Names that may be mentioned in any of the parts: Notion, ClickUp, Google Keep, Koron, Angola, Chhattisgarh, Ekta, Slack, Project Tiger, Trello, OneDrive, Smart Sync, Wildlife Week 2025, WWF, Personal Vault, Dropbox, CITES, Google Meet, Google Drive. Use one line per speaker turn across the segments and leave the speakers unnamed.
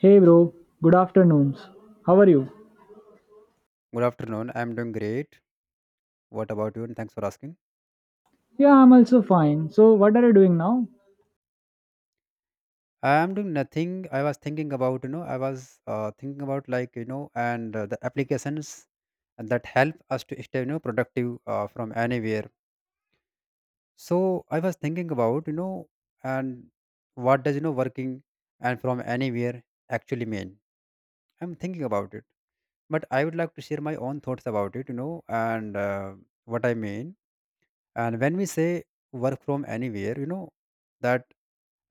Hey bro, good afternoons. How are you?
Good afternoon. I'm doing great. What about you? And thanks for asking.
Yeah, I'm also fine. So, what are you doing now?
I'm doing nothing. I was thinking about, you know, I was thinking about like, you know, and the applications that help us to stay, productive from anywhere. So I was thinking about, you know, and what does, working and from anywhere actually mean? I'm thinking about it. But I would like to share my own thoughts about it, you know, and what I mean. And when we say work from anywhere, that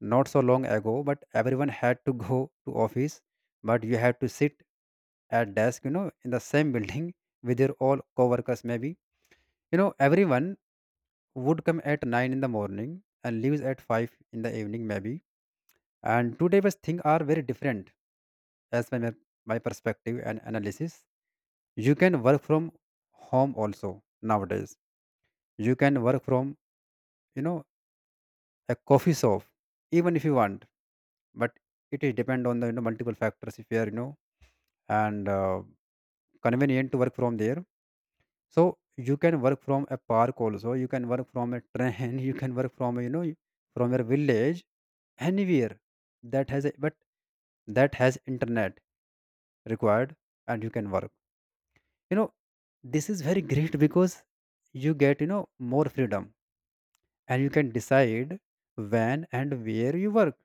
not so long ago, but everyone had to go to office, but you had to sit at desk, you know, in the same building with your all coworkers, maybe, you know, everyone would come at 9 in the morning and leaves at 5 in the evening, maybe. And today was things are very different. As my perspective and analysis, you can work from home also nowadays. You can work from, you know, a coffee shop, even if you want. But it is depend on the, you know, multiple factors, if you are, you know and convenient to work from there. So you can work from a park also, you can work from a train, you can work from, you know, from your village, anywhere that has a but that has internet required. And you can work, you know, this is very great because you get, you know, more freedom, and you can decide when and where you work.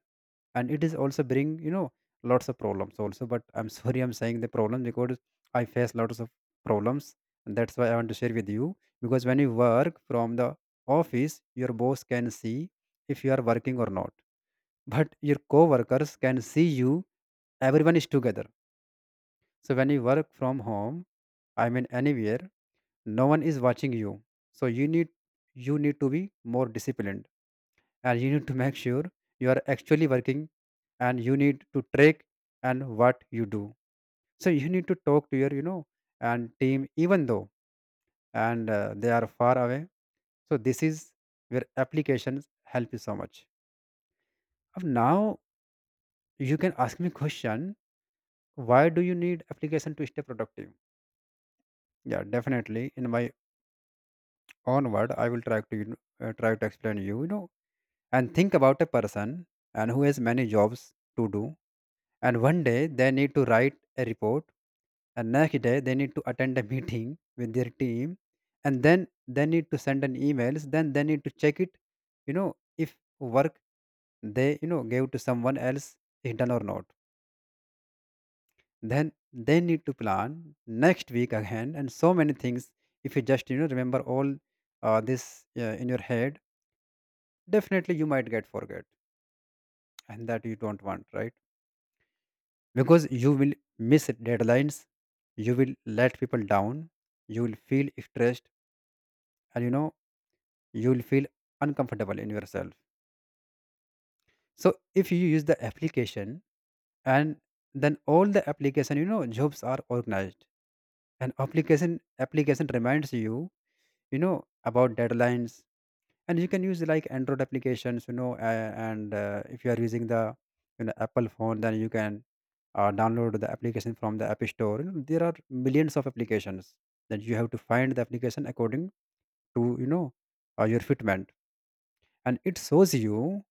And it is also bring, you know, lots of problems also. But I'm sorry, I'm saying the problem because I face lots of problems, and that's why I want to share with you. Because when you work from the office, your boss can see if you are working or not. But your co-workers can see you, everyone is together. So when you work from home, I mean anywhere, no one is watching you. So you need to be more disciplined, and you need to make sure you are actually working, and you need to track and what you do. So you need to talk to your, you know, and team, even though and they are far away. So this is where applications help you so much. Of now, you can ask me question, why do you need application to stay productive? Yeah, definitely, in my own word, I will try to try to explain you, you know, and think about a person and who has many jobs to do. And one day they need to write a report, and next day they need to attend a meeting with their team, and then they need to send an emails, then they need to check it, you know, if work they you know gave to someone else is done or not. Then they need to plan next week again, and so many things. If you just, you know, remember all this in your head, definitely you might get forget, and that you don't want, right? Because you will miss deadlines, you will let people down, you will feel stressed, and you know you will feel uncomfortable in yourself. So if you use the application, and then all the application, you know, jobs are organized, and application reminds you, you know, about deadlines. And you can use like android applications, you know and if you are using the, you know, apple phone, then you can download the application from the app store. You know, there are millions of applications, that you have to find the application according to, your fitment. And it shows you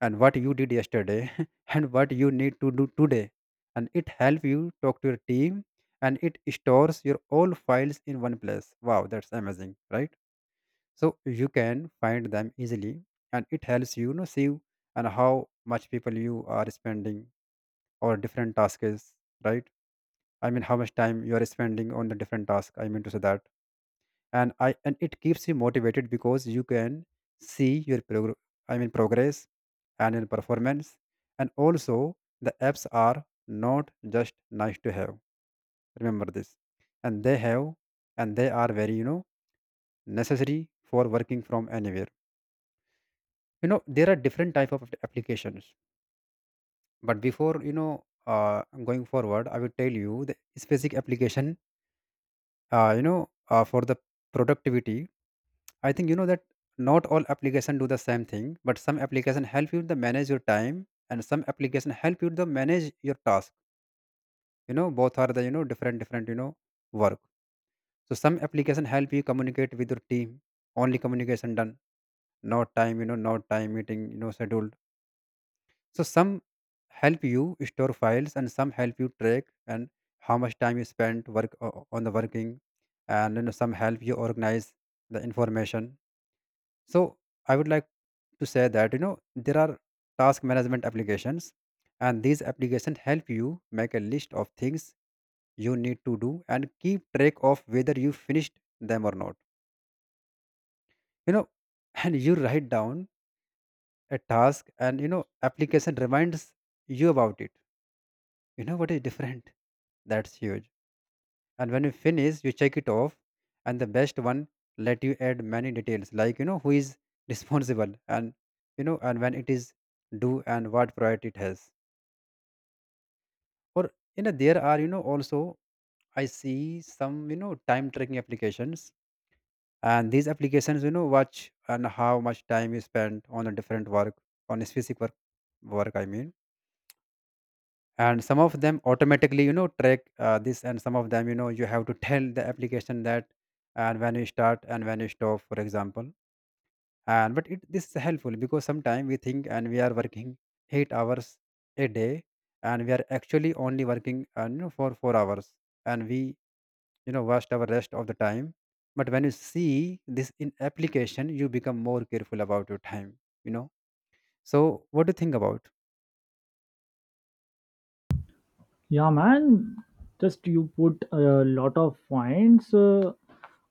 and what you did yesterday, and what you need to do today. And it help you talk to your team, and it stores your all files in one place. Wow, that's amazing, right? So you can find them easily. And it helps you, you know, see and how much people you are spending or different tasks, right? I mean, how much time you are spending on the different task, I mean to say that. And I and it keeps you motivated because you can see your progress and your performance. And also the apps are not just nice to have, remember this. And they have and they are very, you know, necessary for working from anywhere. You know, there are different type of applications. But before, going forward, I will tell you the specific application, for the productivity. I think you know that not all application do the same thing, but some application help you to manage your time, and some application help you to manage your task. You know, both are the, you know, different different, you know, work. So some application help you communicate with your team, only communication done, no time, you know, no time meeting, you know, scheduled. So some help you store files, and some help you track and how much time you spent on the working. And you know some help you organize the information. So I would like to say that, you know, there are task management applications, and these applications help you make a list of things you need to do and keep track of whether you finished them or not. You know, and you write down a task, and you know application reminds you about it. You know what is different? That's huge. And when you finish, you check it off, and the best one let you add many details, like, you know, who is responsible, and you know, and when it is due, and what priority it has. Or you know, there are you know also I see some, you know, time tracking applications, and these applications, you know, watch and how much time you spend on a different work, on a specific work, I mean. And some of them automatically, you know, track this, and some of them, you know, you have to tell the application that and when you start and when you stop, for example. And but it this is helpful because sometimes we think and we are working 8 hours a day, and we are actually only working, for 4 hours, and we, you know, waste our rest of the time. But when you see this in application, you become more careful about your time, you know. So what do you think about?
Yeah, man, just you put a lot of points,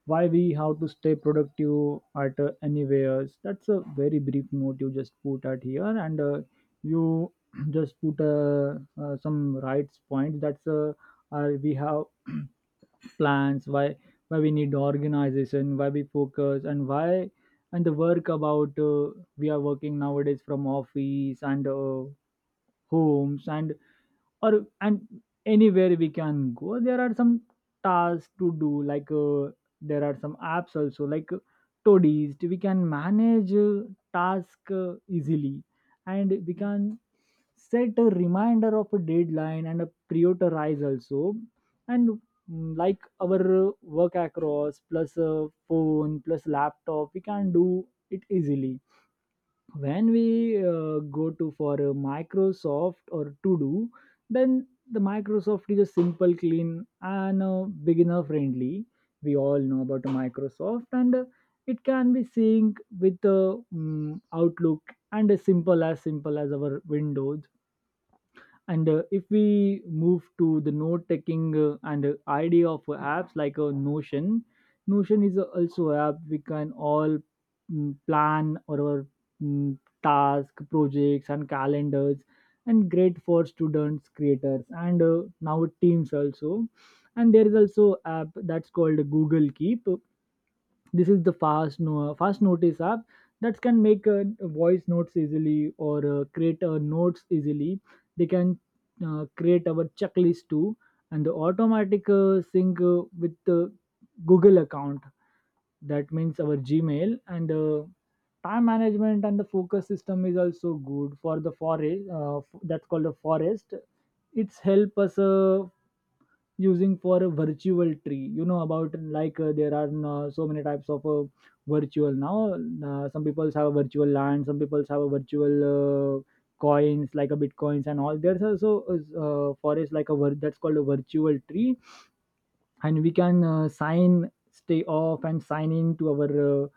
why we have to stay productive at anywhere. That's a very brief note you just put at here, and you just put some rights points. That's we have. Plans why we need organization, why we focus and why, and the work about, we are working nowadays from office and homes and or and anywhere we can go, there are some tasks to do, like there are some apps also like toadies we can manage task easily, and we can set a reminder of a deadline and a prioritize also, and like our work across plus a phone plus laptop we can do it easily. When we go to for a Microsoft or to do, then the Microsoft is a simple clean and beginner friendly. We all know about Microsoft, and it can be synced with Outlook, and as simple as our Windows. And if we move to the note taking and idea of apps like Notion, Notion is also a app. We can all plan our task, projects, and calendars, and great for students, creators, and now teams also. And there is also app that's called Google Keep. This is the fast, no, fast notice app that can make voice notes easily, or create notes easily. They can create our checklist too, and the automatic sync with the Google account, that means our Gmail, and time management, and the focus system is also good. For the Forest, that's called a Forest, it's help us using for a virtual tree. You know about, like there are so many types of virtual now. Some people have a virtual land, some people have a virtual coins like a Bitcoins and all. There's also Forest, like a that's called a virtual tree, and we can sign stay off and sign in to our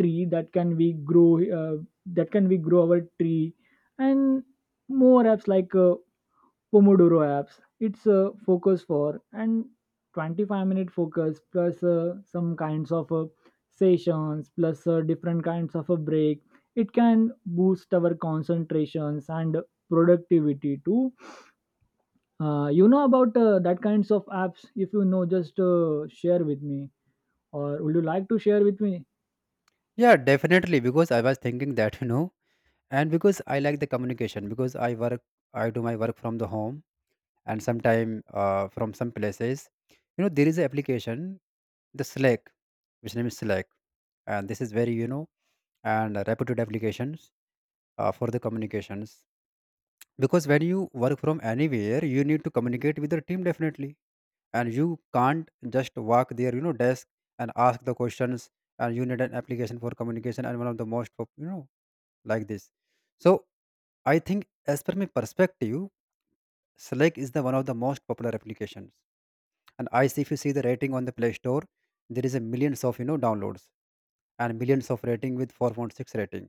tree, that can we grow, uh, our tree. And more apps like pomodoro apps, it's a focus for and 25-minute focus plus some kinds of sessions plus different kinds of a break. It can boost our concentrations and productivity too. You know about that kinds of apps, if you know just share with me, or would you like to share with me?
Yeah, definitely, because I was thinking that, you know, and because I like the communication, because I work, I do my work from the home, and sometime from some places, you know, there is an application, the slack, and this is very, you know, and reputed applications for the communications. Because when you work from anywhere, you need to communicate with your team, definitely, and you can't just walk there, you know, desk and ask the questions. And you need an application for communication, and one of the most you know, like this. So I think, as per my perspective, Slack is the one of the most popular applications. And I see, if you see the rating on the Play Store, there is a millions of, you know, downloads and millions of rating with 4.6 rating.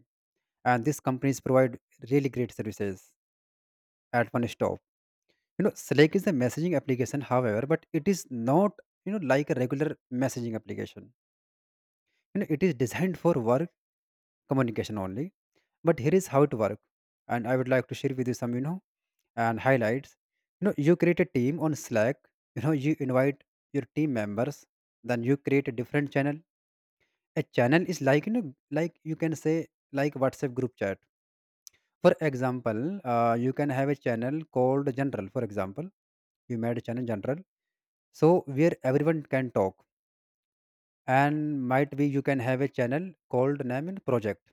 And these companies provide really great services at one stop. You know, Slack is a messaging application, however, but it is not, you know, like a regular messaging application. You know, it is designed for work communication only. But here is how it works, and I would like to share with you some, you know, and highlights. You know, you create a team on Slack, you know, you invite your team members, then you create a different channel. A channel is like, you know, like you can say, like WhatsApp group chat. For example, you can have a channel called General, for example. You made a channel General. So where everyone can talk. And might be you can have a channel called name and project,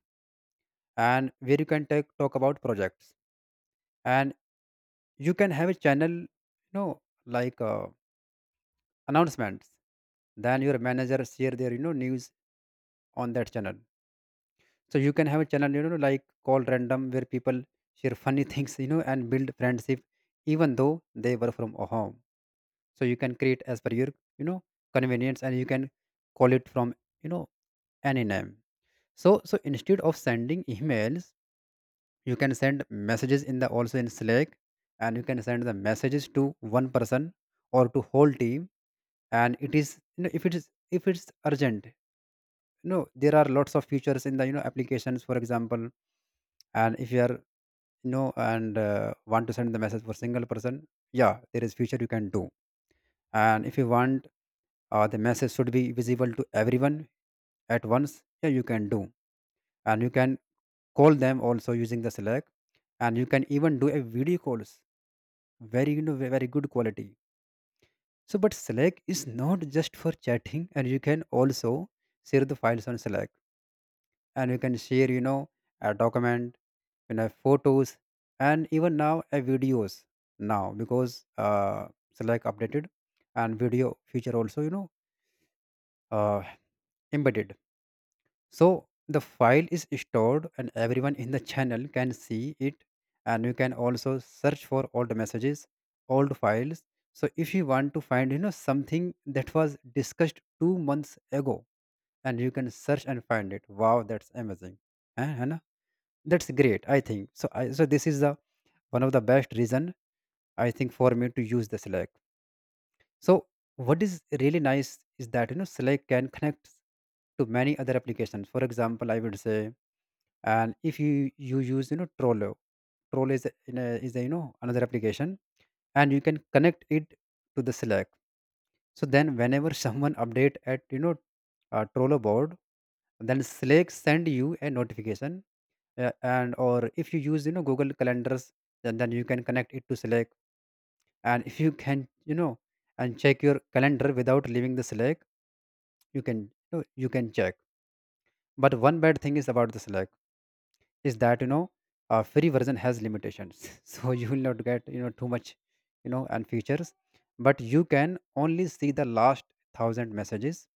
and where you can talk about projects. And you can have a channel, like announcements, then your manager share their news on that channel. So you can have a channel like called random where people share funny things, and build friendship even though they were from a home. So you can create as per your you know convenience, and you can call it from you know any name. So instead of sending emails, you can send messages in the also in Slack. And you can send the messages to one person or to whole team. And it is, if it is, if it's urgent, there are lots of features in the applications, for example. And if you are, you know and want to send the message for single person, yeah, there is feature you can do. And if you want the message should be visible to everyone at once, yeah, you can do. And you can call them also using the Slack. And you can even do a video calls, very very good quality. So but Slack is not just for chatting, and you can also share the files on Slack. And you can share, a document, photos, and even now a videos now, because it's like updated and video feature also, uh, embedded. So the file is stored and everyone in the channel can see it. And you can also search for old messages, old files. So if you want to find something that was discussed 2 months ago, and you can search and find it. Wow, that's amazing. है ना? That's great, I think. So this is the one of the best reason, I think, for me to use the Slack. So what is really nice is that, Slack can connect to many other applications. For example, I would say, and if you use, Trello, is a another application, and you can connect it to the Slack. So then whenever someone update at, Trollo board, then Slack send you a notification. And or if you use, Google Calendars, then you can connect it to Slack. And if you can, and check your calendar without leaving the Slack, you can you can check. But one bad thing is about the Slack is that, a free version has limitations. So you will not get too much, you know and features. But you can only see the last thousand messages.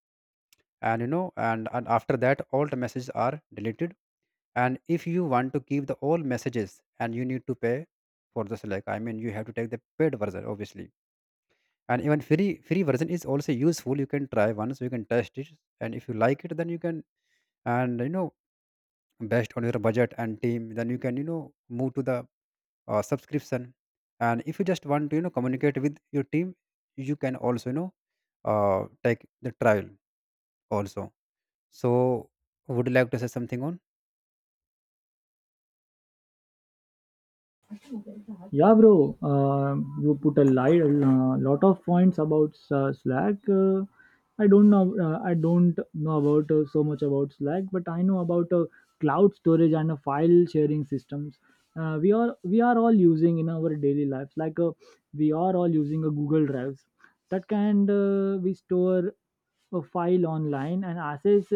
And after that all the messages are deleted. And if you want to keep the all messages, and you need to pay for this. Like I mean, you have to take the paid version, obviously. And even free version is also useful. You can try once, you can test it. And if you like it, then you can, and you know based on your budget and team, then you can, move to the subscription. And if you just want to, communicate with your team, you can also, take the trial also. So would you like to say something on?
Uh-huh. Yeah, bro, you put a lot of points about Slack. I don't know. I don't know about so much about Slack, but I know about cloud storage and file sharing systems. We are all using in our daily lives. Like we are all using a Google Drive, that can we store a file online and access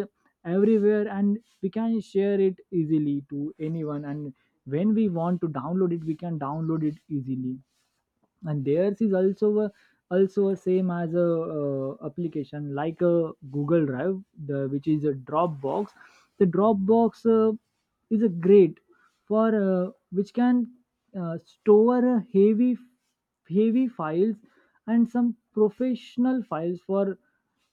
everywhere, and we can share it easily to anyone. And when we want to download it, we can download it easily. And theirs is also a, same as a application, like a Google Drive, the which is a Dropbox. The Dropbox is a great for, which can store a heavy files and some professional files for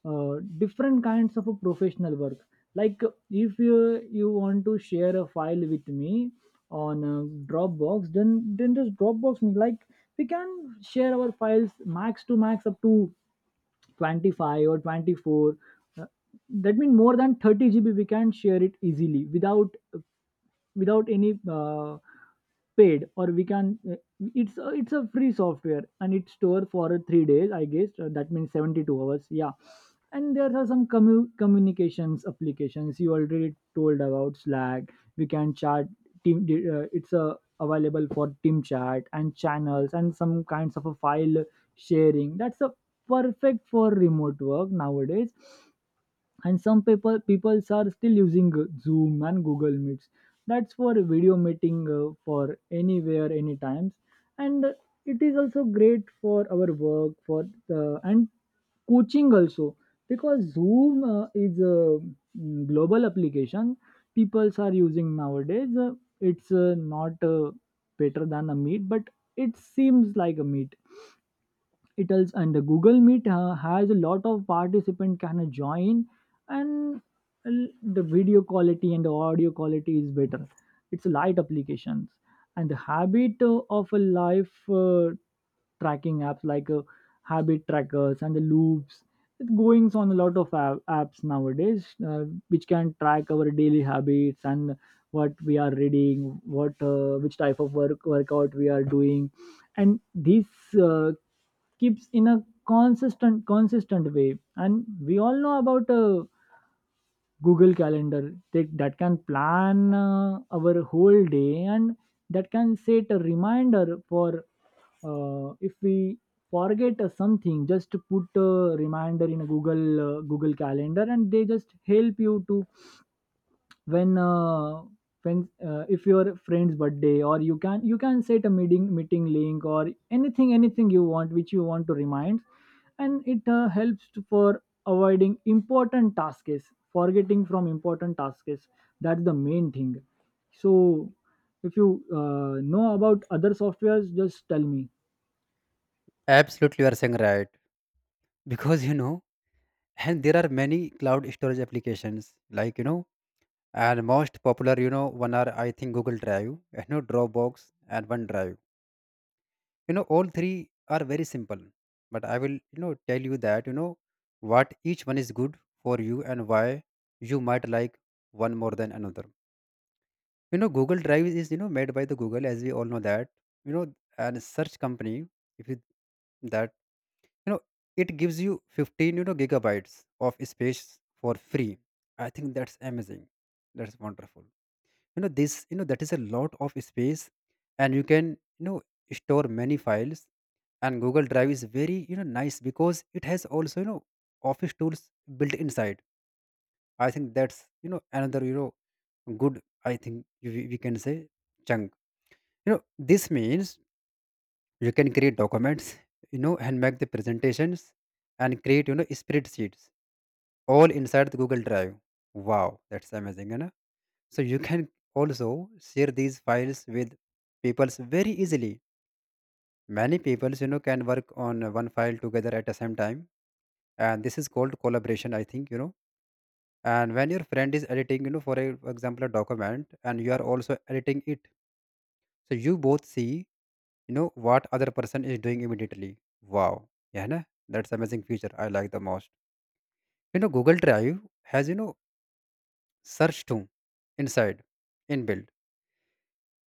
different kinds of a professional work. Like if you you want to share a file with me on Dropbox, then just Dropbox me. Like we can share our files max to max up to 25 or 24, uh, that means more than 30 GB we can share it easily, without any paid, or we can, it's a free software, and it's stored for 3 days I guess, that means 72 hours, yeah. And there are some communications applications. You already told about Slack. We can chat team, it's available for team chat and channels and some kinds of a file sharing. That's a perfect for remote work nowadays. And some peoples are still using Zoom and Google Meets. That's for video meeting for anywhere anytimes. And it is also great for our work, for the and coaching also. Because Zoom is a global application, peoples are using nowadays. It's not better than a Meet, but it seems like a Meet itals. And the Google Meet has a lot of participant can join, and the video quality and the audio quality is better. It's light applications. And the habit of a life tracking apps, like habit trackers and the Loops, it's going on a lot of apps nowadays, which can track our daily habits, and what we are reading, what which type of work, workout, we are doing. And this uh, keeps in a consistent way. And we all know about Google Calendar, that can plan our whole day, and that can set a reminder for, if we forget something, just put a reminder in a Google Calendar. And they just help you to, when if your friend's birthday, or you can set a meeting, link, or anything, you want, which you want to remind. And it helps for avoiding important tasks, forgetting from important tasks. That's the main thing. So if you know about other softwares, just tell me.
Absolutely, you are saying right. Because you know and there are many cloud storage applications, like, you know and most popular one are, I think, Google Drive, Dropbox and OneDrive. You know, all three are very simple. But I will, tell you that, what each one is good for you and why you might like one more than another. You know, Google Drive is, made by the Google, as we all know that, you know and search company. If you that, you know it gives you 15, gigabytes of space for free. I think that's amazing, that's wonderful. You know, that is a lot of space. And you can, you know store many files. And Google Drive is very, nice, because it has also, office tools built inside. I think that's, another, good, I think we can say, chunk, you know. This means you can create documents, and make the presentations and create, spreadsheets all inside the Google Drive. Wow, that's amazing, you know. So you can also share these files with peoples very easily. Many peoples, can work on one file together at the same time. And this is called collaboration, I think, you know. And when your friend is editing, for for example a document, and you are also editing it, so you both see, what other person is doing immediately. Wow, yeah, na? That's amazing feature, I like the most. You know, Google Drive has, search too, inside, inbuilt,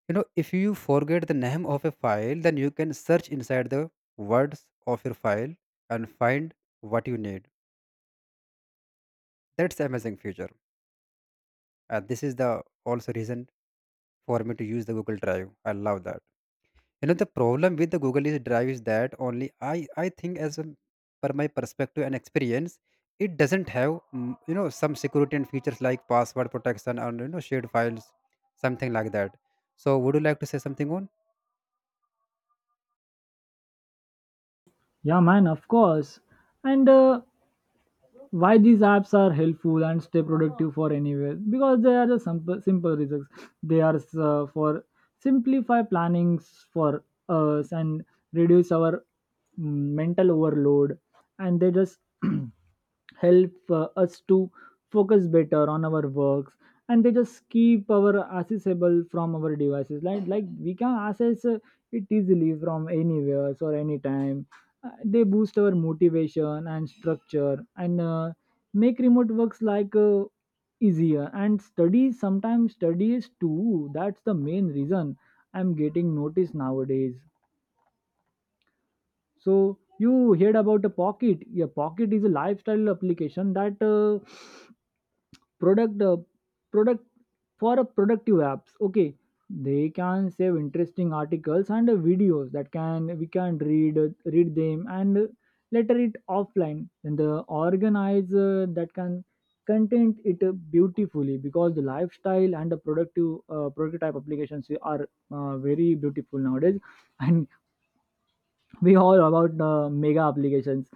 you know. If you forget the name of a file, then you can search inside the words of your file and find what you need. That's amazing feature. And this is the also reason for me to use the Google Drive. I love that. You know, the problem with the Google is Drive is that only I think, as a, per my perspective and experience, it doesn't have some security and features like password protection and, shared files, something like that. So would you like to say something on?
Yeah, man, of course. And why these apps are helpful and stay productive for anywhere? Because they are just simple, reasons. They are for simplify plannings for us, and reduce our mental overload. And they just help us to focus better on our works. And they just keep our accessible from our devices, like we can access it easily from anywhere or anytime. They boost our motivation and structure, and make remote works like easier, and studies, sometimes studies too. That's the main reason I'm getting noticed nowadays. So you heard about a Pocket? Yeah, Pocket is a lifestyle application that product uh, product for a productive apps, okay. They can save interesting articles and videos, that can we can read them, and later it offline. And the organizer that can content it beautifully, because the lifestyle and the productive prototype applications are very beautiful nowadays. And we all about Mega applications.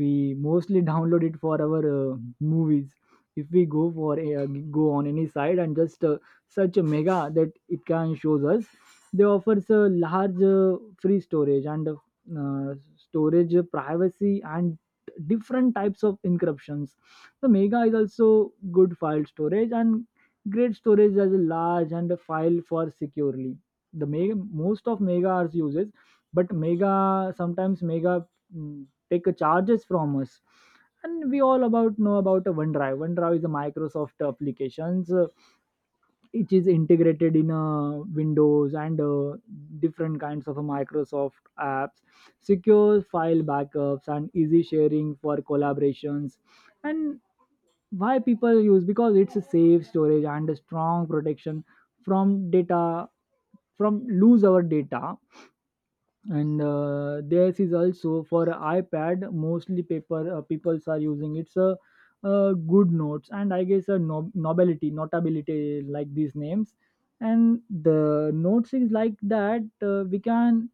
We mostly download it for our movies. If we go for a, go on any site and just search a Mega, that it can shows us. They offers a large free storage, and storage privacy, and different types of encryptions. The Mega is also good file storage and great storage as a large and a file for securely. The Mega, most of Mega's uses, but Mega sometimes Mega take a charges from us. And we all about know about a OneDrive. OneDrive is a Microsoft applications, it is integrated in Windows and different kinds of Microsoft apps, secure file backups and easy sharing for collaborations. And why people use? Because it's a safe storage and a strong protection from data, from lose our data. And theirs is also for iPad, mostly paper peoples are using. It's a, Good Notes, and I guess a nobility, Notability, like these names. And the notes is like that, we can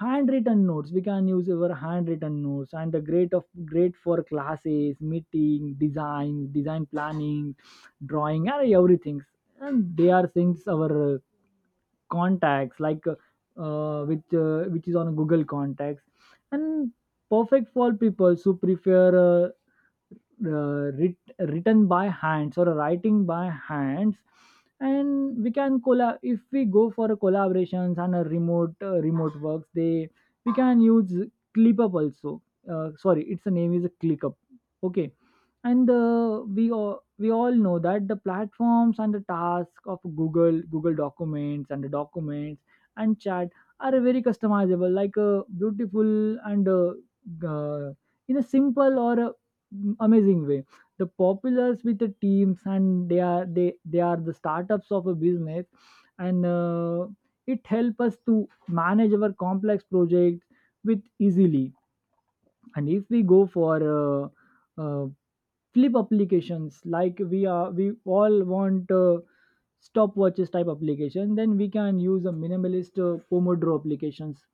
handwritten notes, we can use our handwritten notes, and the great of great for classes, meeting design, planning, drawing, and everything. And they are things our contacts, like which is on Google Contacts. And perfect for people who prefer written by hands, or writing by hands. And we can collab, if we go for a collaborations and a remote, remote works, they we can use ClickUp also. Sorry, its name is ClickUp, okay. And we all know that the platforms and the task of Google Documents and the documents and chat are very customizable, like a beautiful and g- uh, in a simple or amazing way. The populars with the teams, and they are they are the startups of a business. And it help us to manage our complex projects with easily. And if we go for uh, uh, flip applications, like we all want stopwatches type application, then we can use a minimalist pomodoro applications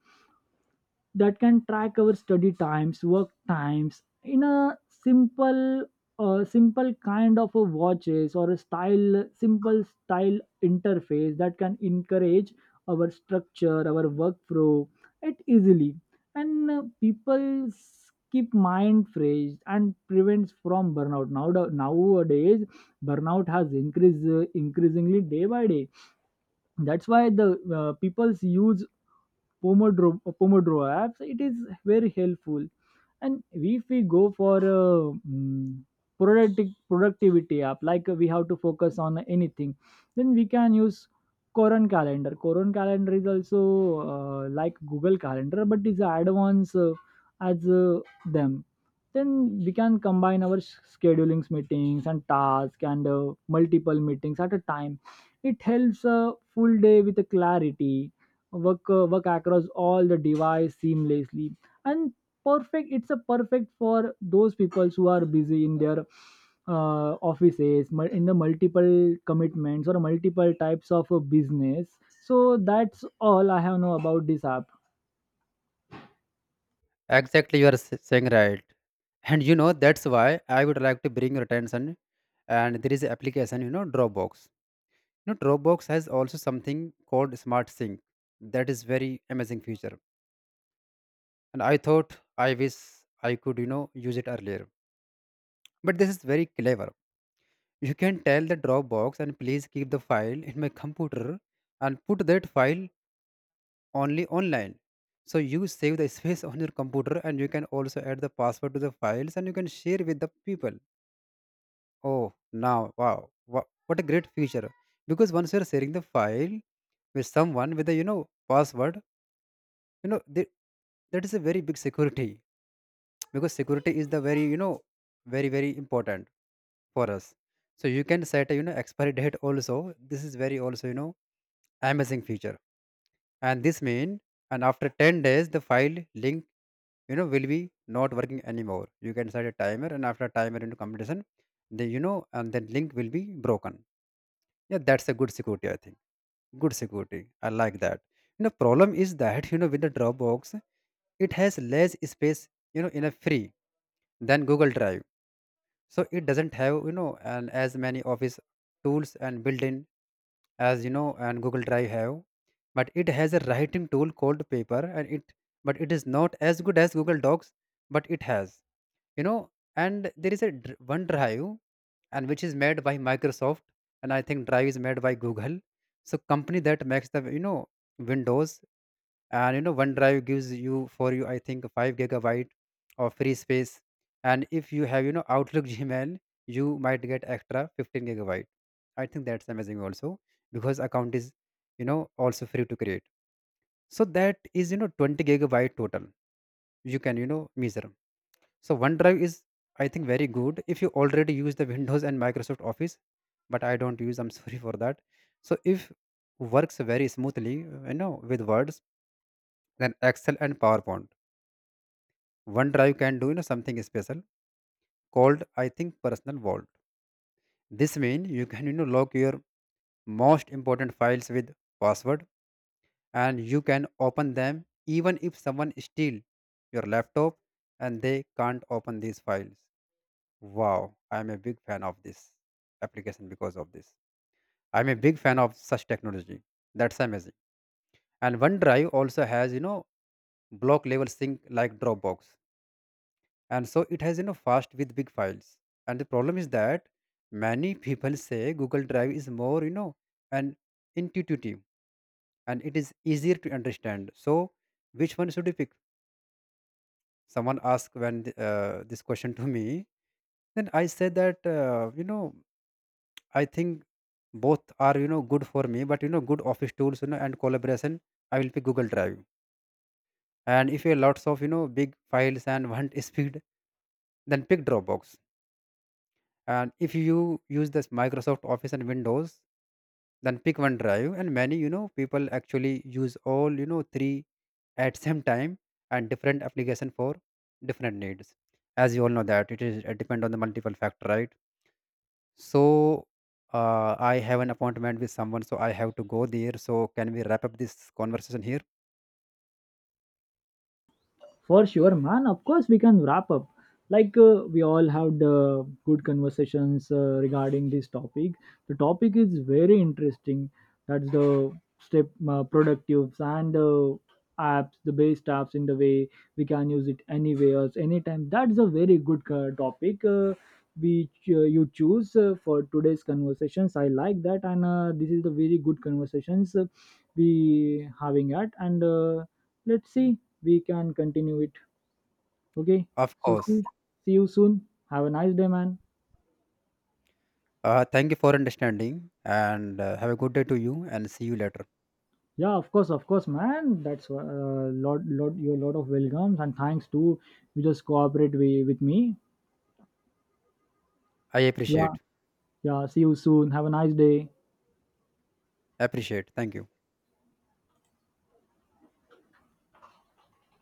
that can track our study times, work times in a simple, simple kind of a watches, or a style, simple style interface that can encourage our structure, our workflow, it easily. And people keep mind fresh and prevents from burnout. Nowadays burnout has increased increasingly day by day. That's why the people's use pomodoro apps, it is very helpful. And if we go for productive productivity app, like we have to focus on anything, then we can use Koron Calendar. Koron Calendar is also like Google Calendar, but is advanced as them. Then we can combine our schedulings, meetings and tasks, and multiple meetings at a time. It helps a full day with a clarity, work, work across all the device seamlessly, and perfect. It's a perfect for those people who are busy in their offices, in the multiple commitments or multiple types of a business. So that's all I have know about this app.
Exactly, you are saying right. And you know, that's why I would like to bring your attention. And there is an application, you know, Dropbox. You know, Dropbox has also something called Smart Sync. That is very amazing feature. And I thought, I wish I could, use it earlier. But this is very clever. You can tell the Dropbox and please keep the file in my computer and put that file only online. So you save the space on your computer. And you can also add the password to the files, and you can share with the people. Oh, now, wow, what a great feature. Because once you're sharing the file with someone with a, password, you know they, that is a very big security. Because security is the very, very important for us. So you can set a, expiry date also. This is very also, amazing feature. And this mean, and after 10 days the file link, will be not working anymore. You can set a timer, and after timer into completion, the, you know and then link will be broken. Yeah, that's a good security, I think. Good security, I like that. You know, problem is that, with the Dropbox, it has less space, in a free than Google Drive. So it doesn't have, you know and as many office tools and built-in as, you know and Google Drive have. But it has a writing tool called paper, and it, but it is not as good as Google Docs. But it has, you know and there is a one Drive, and which is made by Microsoft. And I think Drive is made by Google. So company that makes the, Windows. And, OneDrive gives you for you, I think, 5 gigabyte of free space. And if you have, Outlook, Gmail, you might get extra 15 gigabyte. I think that's amazing also, because account is, also free to create. So that is, 20 gigabyte total you can, measure. So OneDrive is, I think, very good if you already use the Windows and Microsoft Office. But I don't use, I'm sorry for that. So if works very smoothly, you know, with Words, then Excel and PowerPoint. OneDrive can do, something special called, I think, personal vault. This means you can, lock your most important files with password, and you can open them even if someone steal your laptop and they can't open these files. Wow, I am a big fan of this application because of this. I'm a big fan of such technology. That's amazing. And OneDrive also has, block level sync like Dropbox, and so it has, fast with big files. And the problem is that many people say Google Drive is more, you know and intuitive, and it is easier to understand. So which one should you pick? Someone asked when this question to me, then I said that you know, I think both are, good for me. But, you know, good office tools, you know and collaboration, I will pick Google Drive. And if you have lots of, big files and want speed, then pick Dropbox. And if you use this Microsoft Office and Windows, then pick one drive and many, people actually use all, three at same time, and different application for different needs. As you all know that, it is it depend on the multiple factor, right? So I have an appointment with someone, so I have to go there. So can we wrap up this conversation here?
For sure, man. Of course, we can wrap up. Like we all had good conversations regarding this topic. The topic is very interesting. That's the step, productives and apps, the best apps in the way we can use it anywhere anytime. That's a very good topic which you choose for today's conversations. I like that. And this is the very good conversations we having at, and let's see we can continue it, okay.
Of
So see,
course.
see you soon, have a nice day, man.
Thank you for understanding, and have a good day to you, and see you later.
Yeah, of course, of course man. That's a lot of welcomes, and thanks to you, just cooperate with me.
I
Yeah.
appreciate.
Yeah, see you soon. Have a nice day.
Appreciate, thank you.